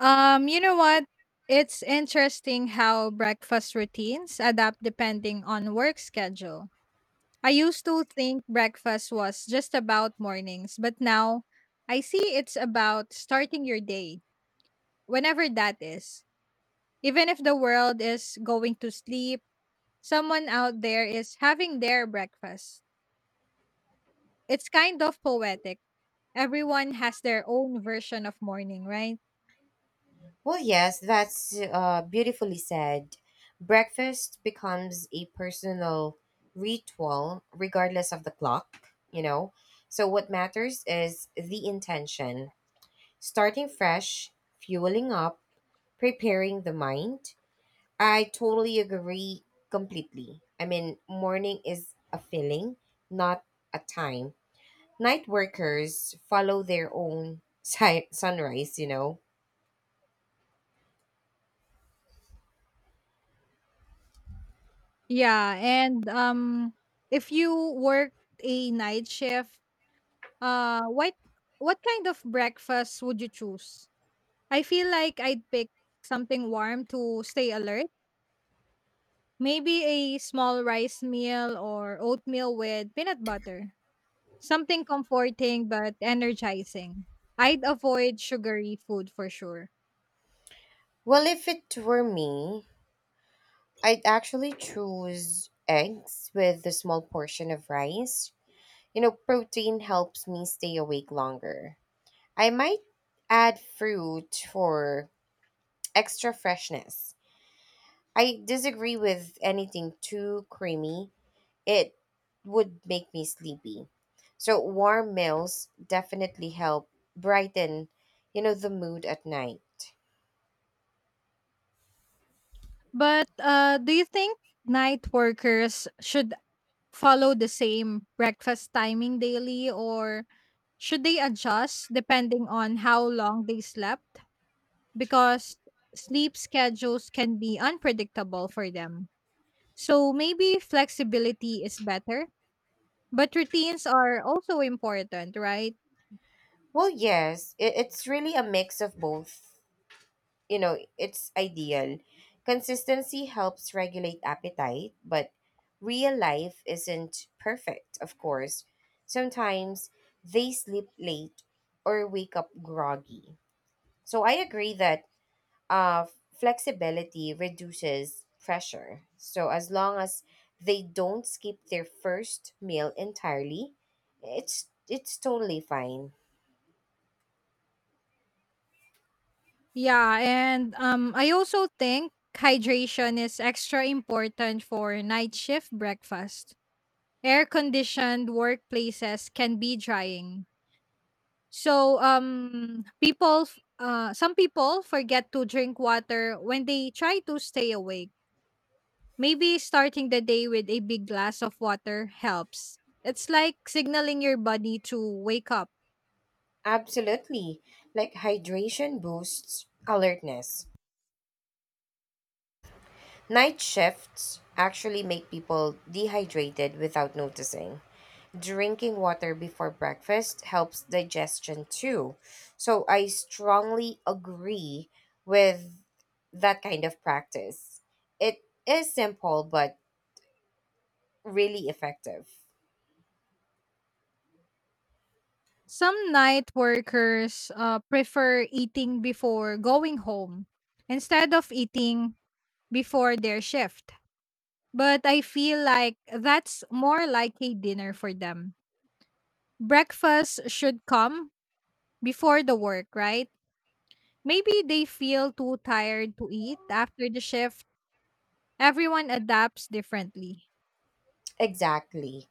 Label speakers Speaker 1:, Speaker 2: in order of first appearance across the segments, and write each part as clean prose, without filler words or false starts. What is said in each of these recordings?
Speaker 1: You know what? It's interesting how breakfast routines adapt depending on work schedule. I used to think breakfast was just about mornings, but now I see it's about starting your day, whenever that is. Even if the world is going to sleep, someone out there is having their breakfast. It's kind of poetic. Everyone has their own version of morning, right?
Speaker 2: Well, yes, that's beautifully said. Breakfast becomes a personal ritual regardless of the clock, you know? So, what matters is the intention starting fresh, fueling up, preparing the mind. I totally agree completely. I mean, morning is a feeling, not a time. Night workers follow their own sunrise, you know?
Speaker 1: Yeah, and if you work a night shift, what what kind of breakfast would you choose? I feel like I'd pick something warm to stay alert. Maybe a small rice meal or oatmeal with peanut butter. Something comforting but energizing. I'd avoid sugary food for sure.
Speaker 2: Well, if it were me, I'd actually choose eggs with a small portion of rice. You know, protein helps me stay awake longer. I might add fruit for extra freshness. I disagree with anything too creamy, it would make me sleepy. So, warm meals definitely help brighten, you know, the mood at night.
Speaker 1: But do you think night workers should follow the same breakfast timing daily or should they adjust depending on how long they slept? Because sleep schedules can be unpredictable for them. So maybe flexibility is better, but routines are also important, right?
Speaker 2: Well, yes, it's really a mix of both, you know, it's ideal. Consistency helps regulate appetite, but real life isn't perfect, of course. Sometimes they sleep late or wake up groggy. So I agree that uh, flexibility reduces pressure. So as long as they don't skip their first meal entirely, it's totally fine.
Speaker 1: Yeah, and I also think hydration is extra important for night shift breakfast. Air conditioned workplaces can be drying. So, people, some people forget to drink water when they try to stay awake. Maybe starting the day with a big glass of water helps. It's like signaling your body to wake up.
Speaker 2: Absolutely. Like hydration boosts alertness. Night shifts actually make people dehydrated without noticing. Drinking water before breakfast helps digestion too. So I strongly agree with that kind of practice. It is simple but really effective.
Speaker 1: Some night workers prefer eating before going home instead of eating before their shift. But I feel like that's more like a dinner for them. Breakfast should come before the work, right? Maybe they feel too tired to eat after the shift. Everyone adapts differently.
Speaker 2: Exactly.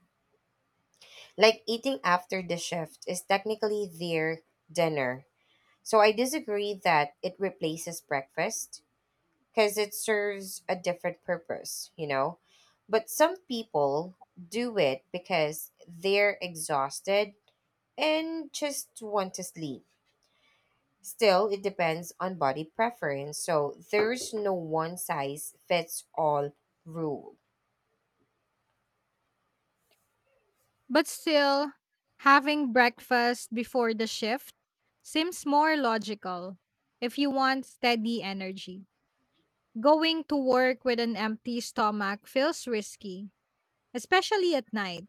Speaker 2: Like eating after the shift is technically their dinner. So I disagree that it replaces breakfast because it serves a different purpose, you know. But some people do it because they're exhausted and just want to sleep. Still, it depends on body preference, so there's no one size fits all rule.
Speaker 1: But still, having breakfast before the shift seems more logical if you want steady energy. Going to work with an empty stomach feels risky, especially at night.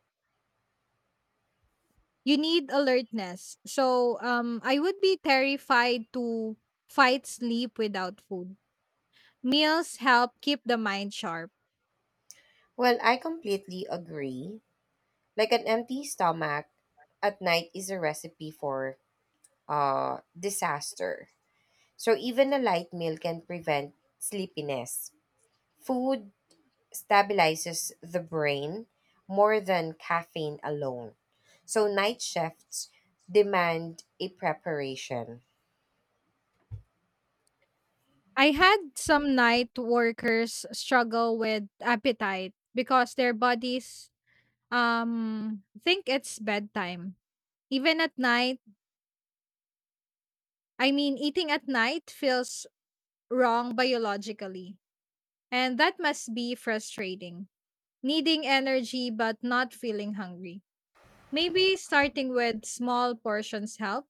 Speaker 1: You need alertness. So, I would be terrified to fight sleep without food. Meals help keep the mind sharp.
Speaker 2: Well, I completely agree. Like an empty stomach at night is a recipe for disaster. So even a light meal can prevent sleepiness. Food stabilizes the brain more than caffeine alone. So night shifts demand a preparation.
Speaker 1: I had some night workers struggle with appetite because their bodies think it's bedtime. Even at night, I mean eating at night feels wrong biologically. And that must be frustrating. Needing energy but not feeling hungry. Maybe starting with small portions help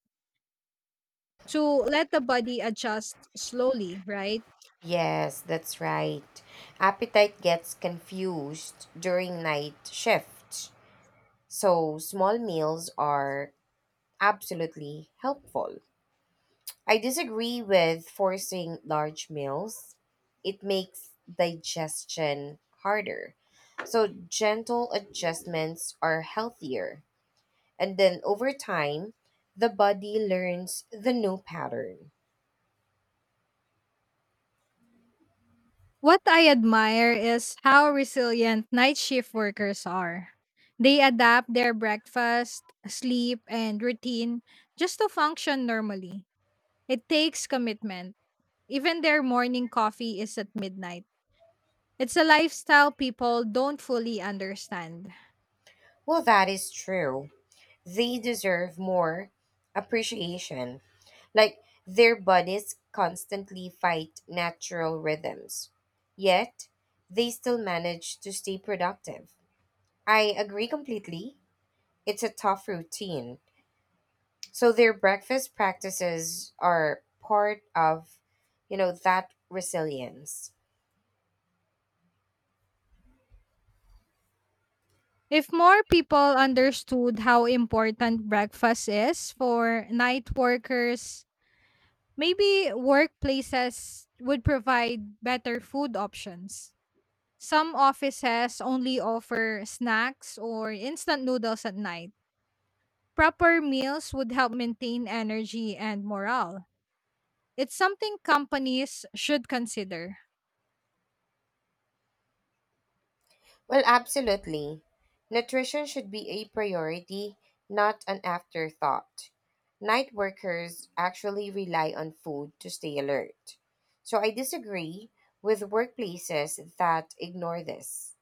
Speaker 1: to let the body adjust slowly, right?
Speaker 2: Yes, that's right. Appetite gets confused during night shifts. So small meals are absolutely helpful. I disagree with forcing large meals. It makes digestion harder. So gentle adjustments are healthier. And then over time, the body learns the new pattern.
Speaker 1: What I admire is how resilient night shift workers are. They adapt their breakfast, sleep, and routine just to function normally. It takes commitment. Even their morning coffee is at midnight. It's a lifestyle people don't fully understand.
Speaker 2: Well, that is true. They deserve more appreciation. Like their bodies constantly fight natural rhythms, yet they still manage to stay productive. I agree completely. It's a tough routine. So their breakfast practices are part of, you know, that resilience.
Speaker 1: If more people understood how important breakfast is for night workers, maybe workplaces would provide better food options. Some offices only offer snacks or instant noodles at night. Proper meals would help maintain energy and morale. It's something companies should consider.
Speaker 2: Well, absolutely. Nutrition should be a priority, not an afterthought. Night workers actually rely on food to stay alert. So I disagree with workplaces that ignore this,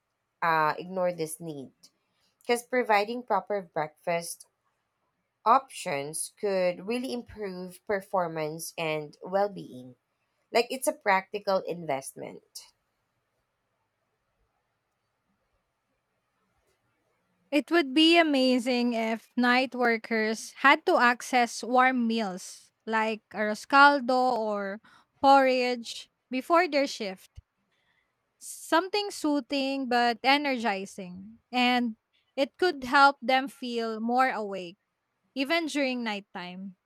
Speaker 2: need, because providing proper breakfast options could really improve performance and well-being. Like it's a practical investment.
Speaker 1: It would be amazing if night workers had to access warm meals like arroscaldo or porridge before their shift. Something soothing but energizing. And it could help them feel more awake, even during nighttime.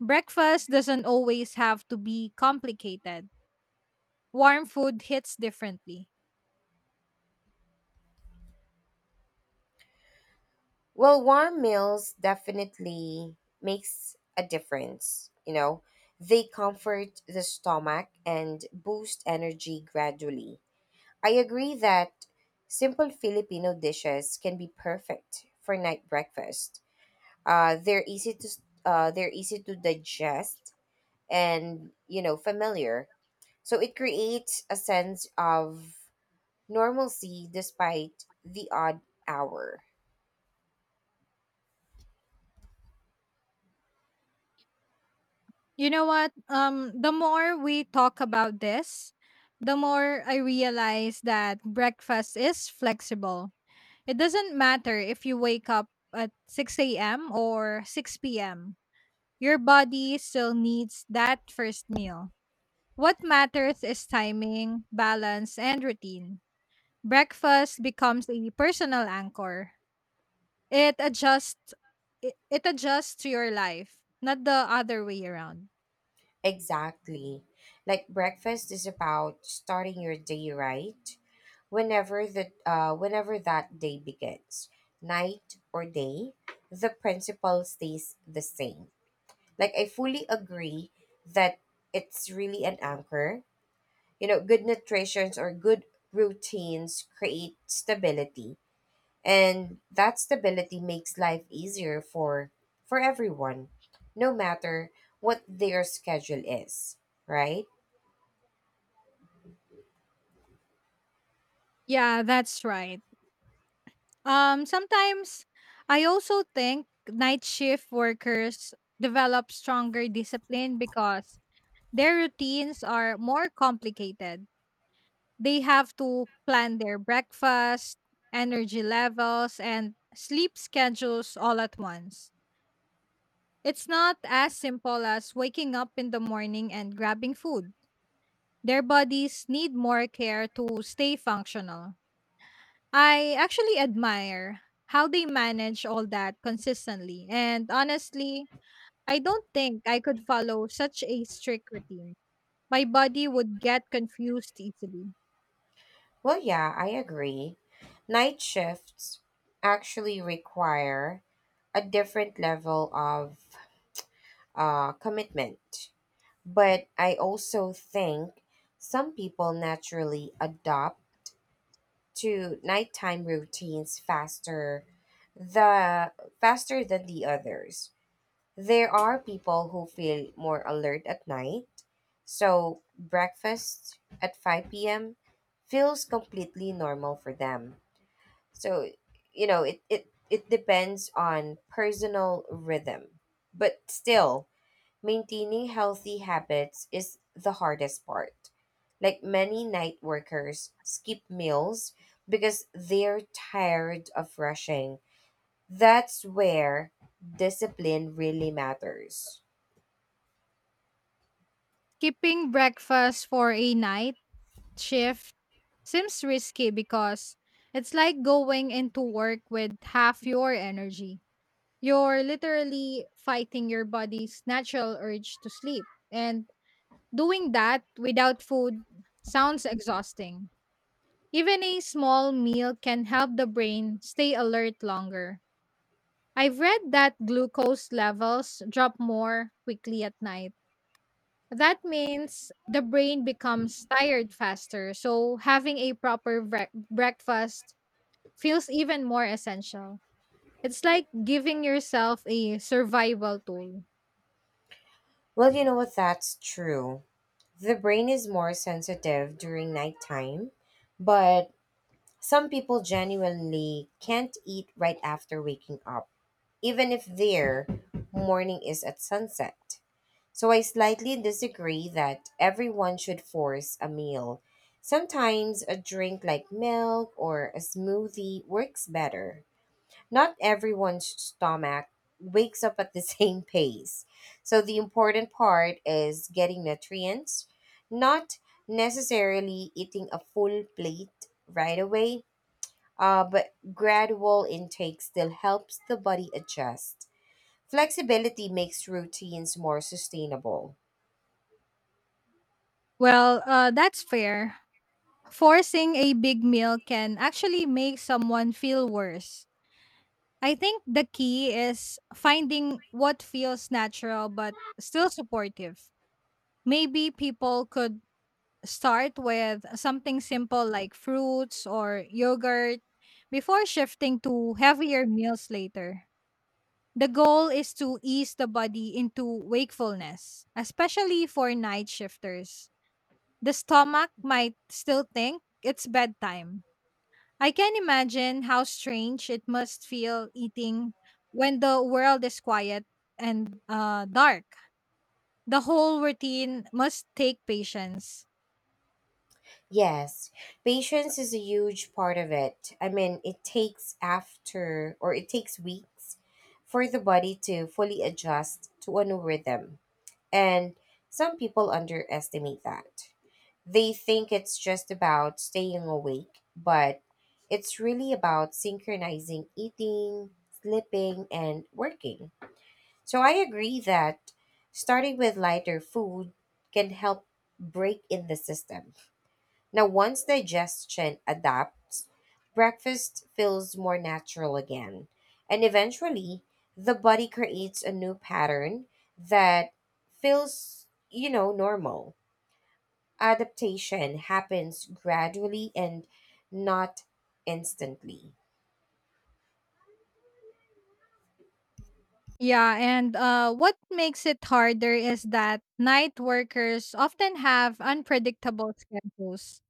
Speaker 1: Breakfast doesn't always have to be complicated. Warm food hits differently.
Speaker 2: Well, warm meals definitely makes a difference, you know. They comfort the stomach and boost energy gradually. I agree that simple Filipino dishes can be perfect for night breakfast. They're easy to digest and, you know, familiar. So it creates a sense of normalcy despite the odd hour.
Speaker 1: You know what? The more we talk about this, the more I realize that breakfast is flexible. It doesn't matter if you wake up at 6 a.m. or 6 p.m., your body still needs that first meal. What matters is timing, balance, and routine. Breakfast becomes a personal anchor. It adjusts it adjusts to your life, not the other way around.
Speaker 2: Exactly. Like breakfast is about starting your day right whenever the whenever that day begins, night or day, the principle stays the same. Like I fully agree that it's really an anchor. You know, good nutritions or good routines create stability and that stability makes life easier for everyone no matter what their schedule is, right?
Speaker 1: Yeah, that's right. Sometimes I also think night shift workers develop stronger discipline because their routines are more complicated. They have to plan their breakfast, energy levels, and sleep schedules all at once. It's not as simple as waking up in the morning and grabbing food. Their bodies need more care to stay functional. I actually admire how they manage all that consistently. And honestly, I don't think I could follow such a strict routine. My body would get confused easily.
Speaker 2: Well, yeah, I agree. Night shifts actually require a different level of commitment. But I also think some people naturally adopt to nighttime routines faster the faster than the others. There are people who feel more alert at night. So breakfast at 5 p.m. feels completely normal for them so, you know, it depends on personal rhythm. But still, maintaining healthy habits is the hardest part. Like many night workers skip meals because they're tired of rushing. That's where discipline really matters.
Speaker 1: Skipping breakfast for a night shift seems risky because it's like going into work with half your energy. You're literally fighting your body's natural urge to sleep. And doing that without food sounds exhausting. Even a small meal can help the brain stay alert longer. I've read that glucose levels drop more quickly at night. That means the brain becomes tired faster, so having a proper breakfast feels even more essential. It's like giving yourself a survival tool.
Speaker 2: Well, you know what? That's true. The brain is more sensitive during nighttime, but some people genuinely can't eat right after waking up, even if their morning is at sunset. So I slightly disagree that everyone should force a meal. Sometimes a drink like milk or a smoothie works better. Not everyone's stomach wakes up at the same pace. So the important part is getting nutrients, not necessarily eating a full plate right away, but gradual intake still helps the body adjust. Flexibility makes routines more sustainable.
Speaker 1: Well, that's fair. Forcing a big meal can actually make someone feel worse. I think the key is finding what feels natural but still supportive. Maybe people could start with something simple like fruits or yogurt before shifting to heavier meals later. The goal is to ease the body into wakefulness, especially for night shifters. The stomach might still think it's bedtime. I can imagine how strange it must feel eating when the world is quiet and dark. The whole routine must take patience.
Speaker 2: Yes, patience is a huge part of it. I mean, it takes weeks for the body to fully adjust to a new rhythm. And some people underestimate that. They think it's just about staying awake, but it's really about synchronizing eating, sleeping, and working. So I agree that starting with lighter food can help break in the system. Now, once digestion adapts, breakfast feels more natural again. And eventually, the body creates a new pattern that feels, you know, normal. Adaptation happens gradually and not instantly.
Speaker 1: Yeah, and what makes it harder is that night workers often have unpredictable schedules.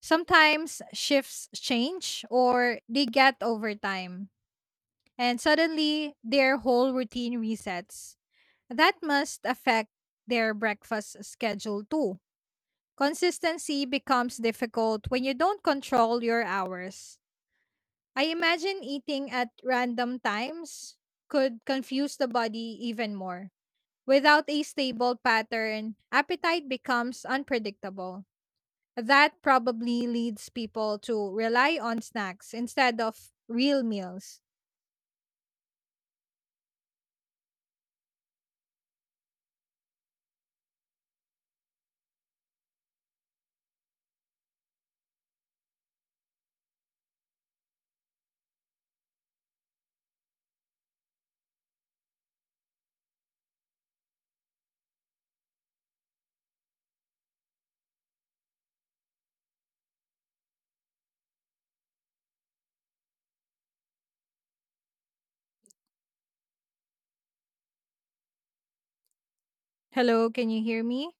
Speaker 1: Sometimes shifts change or they get overtime, and suddenly their whole routine resets. That must affect their breakfast schedule too. Consistency becomes difficult when you don't control your hours. I imagine eating at random times could confuse the body even more. Without a stable pattern, appetite becomes unpredictable. That probably leads people to rely on snacks instead of real meals. Hello, can you hear me?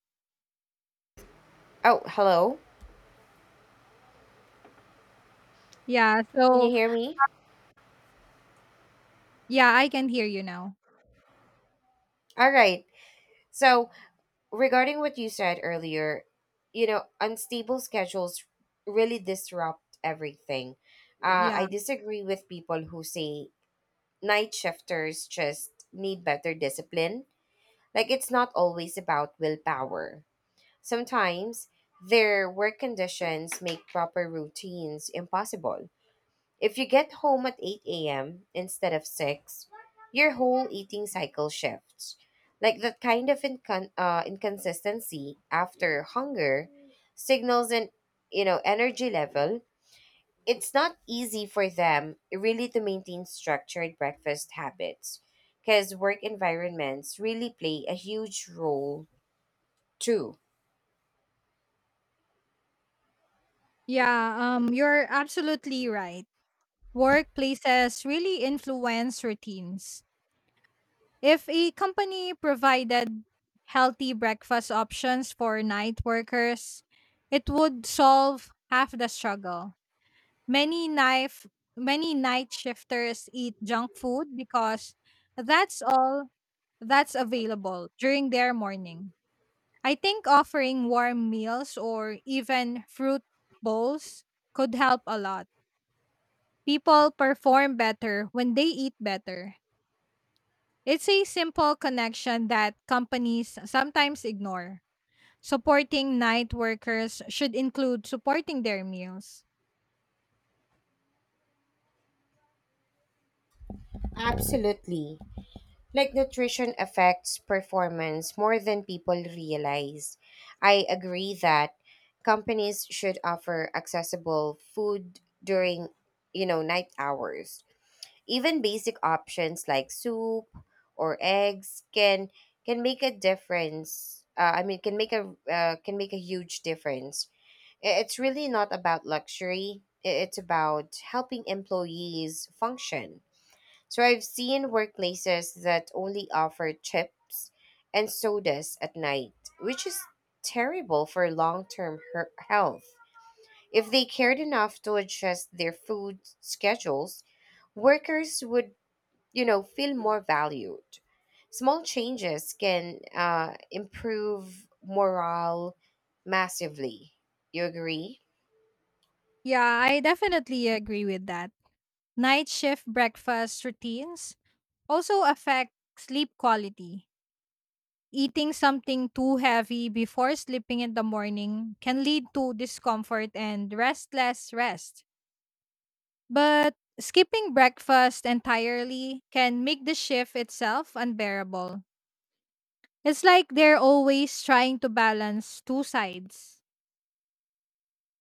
Speaker 2: Oh, hello.
Speaker 1: Yeah,
Speaker 2: Can you
Speaker 1: so
Speaker 2: hear me?
Speaker 1: yeah, I can hear you now.
Speaker 2: All right. So, regarding what you said earlier, you know, unstable schedules really disrupt everything. Mm-hmm. I
Speaker 1: Yeah.
Speaker 2: disagree with people who say night shifters just need better discipline. Like, it's not always about willpower. Sometimes their work conditions make proper routines impossible. If you get home at 8 a.m. instead of 6, your whole eating cycle shifts. Like that kind of inconsistency after hunger signals an, you know, energy level. It's not easy for them really to maintain structured breakfast habits because work environments really play a huge role too.
Speaker 1: Yeah, you're absolutely right. Workplaces really influence routines. If a company provided healthy breakfast options for night workers, it would solve half the struggle. Many knife Many night shifters eat junk food because that's all that's available during their morning. I think offering warm meals or even fruit bowls could help a lot. People perform better when they eat better. It's a simple connection that companies sometimes ignore. Supporting night workers should include supporting their meals.
Speaker 2: Absolutely. Like nutrition affects performance more than people realize. I agree that companies should offer accessible food during, you know, night hours. Even basic options like soup or eggs can make a difference. Can make a huge difference. It's really not about luxury. It's about helping employees function. So I've seen workplaces that only offer chips and sodas at night, which is terrible for long term health. If they cared enough to adjust their food schedules, workers would, you know, feel more valued. Small changes can improve morale massively. You agree?
Speaker 1: Yeah, I definitely agree with that. Night shift breakfast routines also affect sleep quality. Eating something too heavy before sleeping in the morning can lead to discomfort and restless rest. But skipping breakfast entirely can make the shift itself unbearable. It's like they're always trying to balance two sides.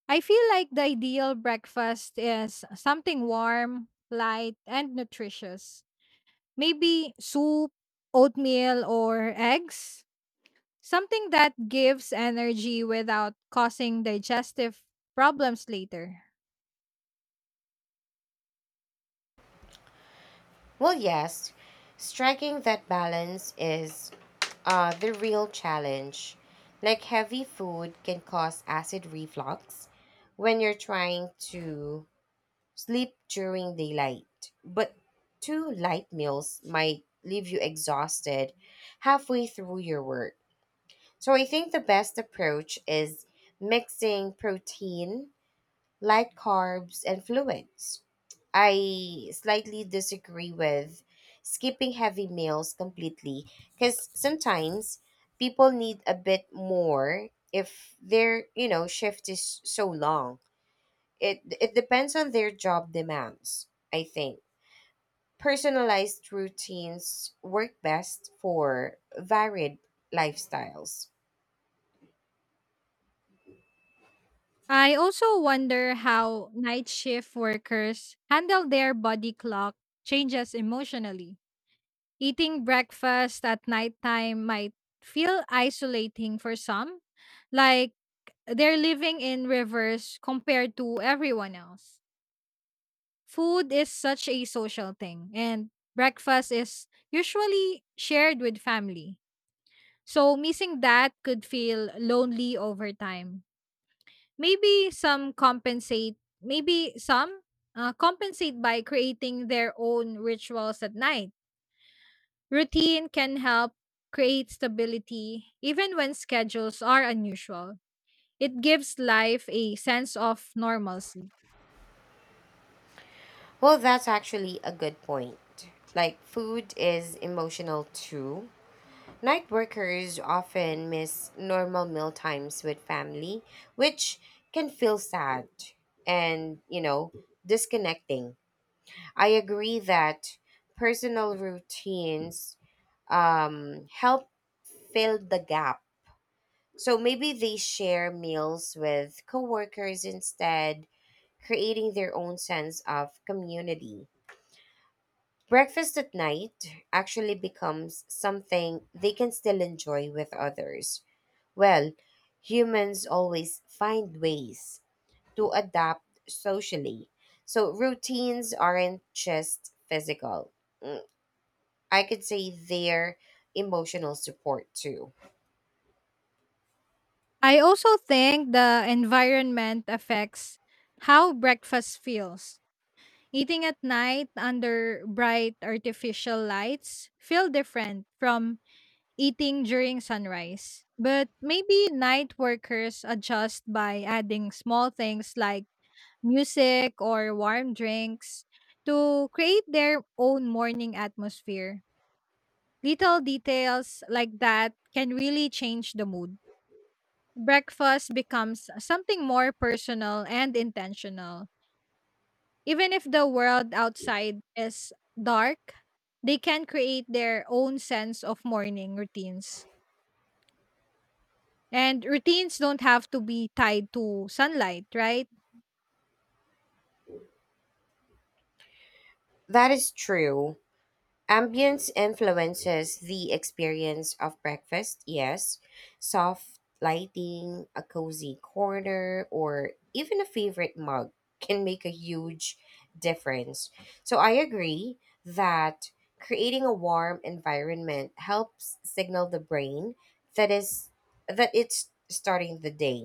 Speaker 1: I feel like the ideal breakfast is something warm, light, and nutritious. Maybe soup, oatmeal, or eggs. Something that gives energy without causing digestive problems later.
Speaker 2: Well, yes, striking that balance is the real challenge. Like heavy food can cause acid reflux when you're trying to sleep during daylight, but two light meals might leave you exhausted halfway through your work. So I think the best approach is mixing protein, light carbs, and fluids. I slightly disagree with skipping heavy meals completely because sometimes people need a bit more if their, you know, shift is so long. It depends on their job demands. I think personalized routines work best for varied lifestyles.
Speaker 1: I also wonder how night shift workers handle their body clock changes emotionally. Eating breakfast at nighttime might feel isolating for some, like they're living in reverse compared to everyone else. Food is such a social thing, and breakfast is usually shared with family. So, missing that could feel lonely over time. Maybe some compensate, maybe some compensate by creating their own rituals at night. Routine can help create stability even when schedules are unusual. It gives life a sense of normalcy.
Speaker 2: Well, that's actually a good point. Like food is emotional too. Night workers often miss normal meal times with family, which can feel sad and, you know, disconnecting. I agree that personal routines help fill the gap. So maybe they share meals with coworkers instead, creating their own sense of community. Breakfast at night actually becomes something they can still enjoy with others. Well, humans always find ways to adapt socially. So routines aren't just physical. Mm, I could say they're emotional support too.
Speaker 1: I also think the environment affects how breakfast feels. Eating at night under bright artificial lights feel different from eating during sunrise. But maybe night workers adjust by adding small things like music, or warm drinks to create their own morning atmosphere. Little details like that can really change the mood. Breakfast becomes something more personal and intentional. Even if the world outside is dark, they can create their own sense of morning routines. And routines don't have to be tied to sunlight, right?
Speaker 2: That is true. Ambience influences the experience of breakfast, yes. Soft lighting, a cozy corner, or even a favorite mug can make a huge difference. So I agree that creating a warm environment helps signal the brain that is that it's starting the day.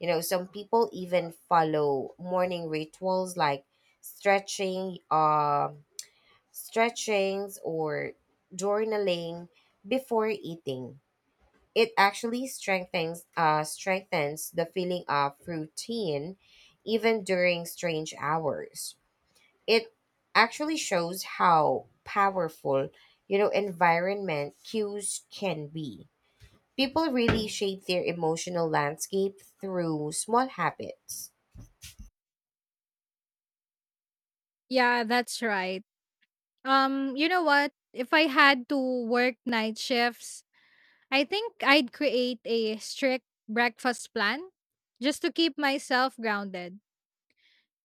Speaker 2: You know, some people even follow morning rituals like stretching, um stretchings or journaling before eating. It actually strengthens the feeling of routine even during strange hours. It actually shows how powerful, you know, environment cues can be. People really shape their emotional landscape through small habits.
Speaker 1: Yeah, that's right. You know what? If I had to work night shifts, I think I'd create a strict breakfast plan just to keep myself grounded.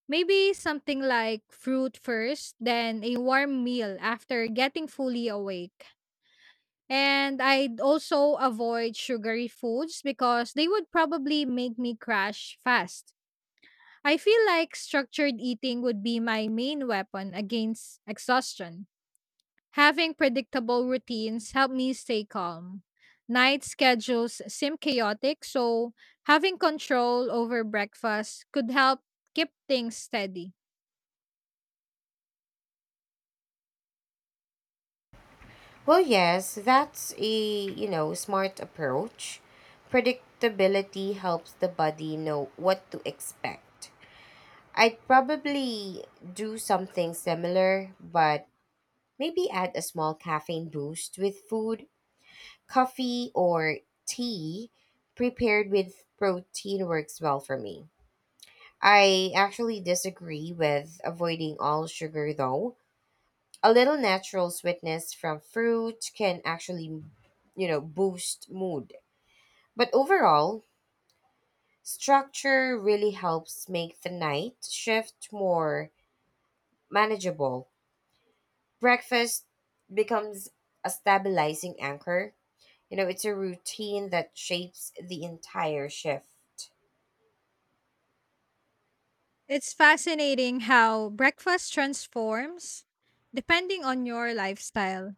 Speaker 1: Maybe something like fruit first, then a warm meal after getting fully awake. And I'd also avoid sugary foods because they would probably make me crash fast. I feel like structured eating would be my main weapon against exhaustion. Having predictable routines help me stay calm. Night schedules seem chaotic, so having control over breakfast could help keep things steady.
Speaker 2: Well, yes, that's a, you know, smart approach. Predictability helps the body know what to expect. I'd probably do something similar, but maybe add a small caffeine boost with food, coffee or tea prepared with protein works well for me. I actually disagree with avoiding all sugar though a little natural sweetness from fruit can actually, you know, boost mood. But overall, structure really helps make the night shift more manageable. Breakfast becomes a stabilizing anchor. You know, it's a routine that shapes the entire shift.
Speaker 1: It's fascinating how breakfast transforms depending on your lifestyle.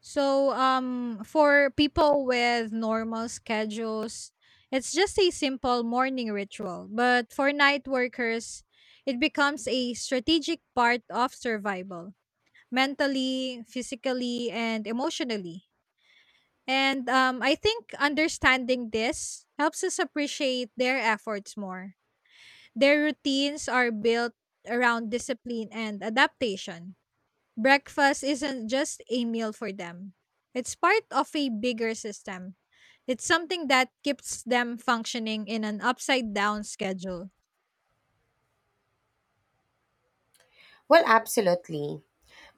Speaker 1: So, for people with normal schedules, it's just a simple morning ritual. But for night workers, it becomes a strategic part of survival, mentally, physically, and emotionally. And I think understanding this helps us appreciate their efforts more. Their routines are built around discipline and adaptation. Breakfast isn't just a meal for them, it's part of a bigger system. It's something that keeps them functioning in an upside down schedule.
Speaker 2: Well, absolutely.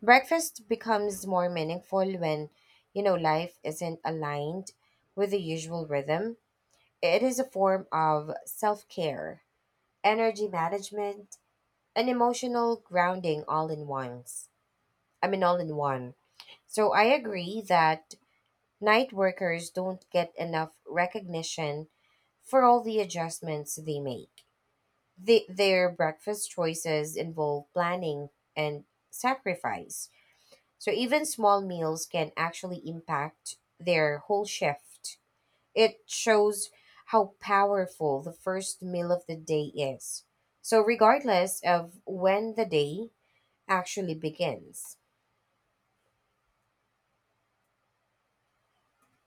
Speaker 2: Breakfast becomes more meaningful when, you know, life isn't aligned with the usual rhythm. It is a form of self care, energy management, and emotional grounding all in one. So I agree that night workers don't get enough recognition for all the adjustments they make. Their breakfast choices involve planning and sacrifice. So even small meals can actually impact their whole shift. It shows how powerful the first meal of the day is. So, regardless of when the day actually begins.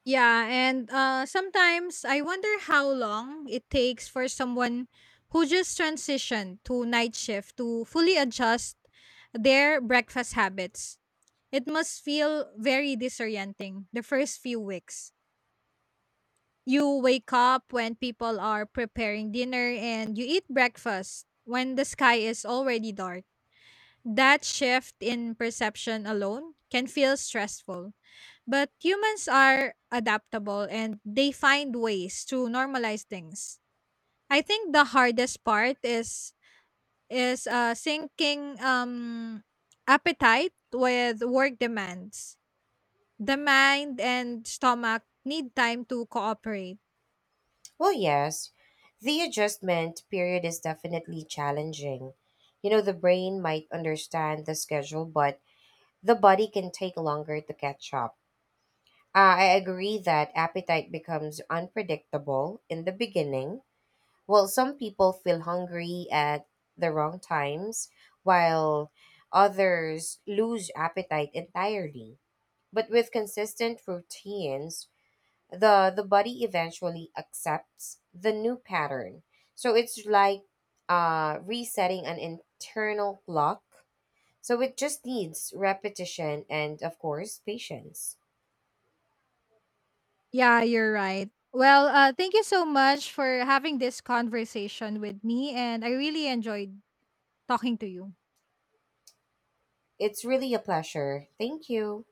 Speaker 1: Yeah, and sometimes I wonder how long it takes for someone who just transitioned to night shift to fully adjust their breakfast habits. It must feel very disorienting the first few weeks. You wake up when people are preparing dinner and you eat breakfast when the sky is already dark. That shift in perception alone can feel stressful. But humans are adaptable and they find ways to normalize things. I think the hardest part is syncing appetite with work demands. The mind and stomach need time to cooperate.
Speaker 2: Well, yes, the adjustment period is definitely challenging. You know, the brain might understand the schedule, but the body can take longer to catch up. I agree that appetite becomes unpredictable in the beginning. Well, some people feel hungry at the wrong times, while others lose appetite entirely. But with consistent routines, the body eventually accepts the new pattern. So it's like resetting an internal clock. So it just needs repetition and, of course, patience.
Speaker 1: Yeah, you're right. Well, thank you so much for having this conversation with me and I really enjoyed talking to you.
Speaker 2: It's really a pleasure. Thank you.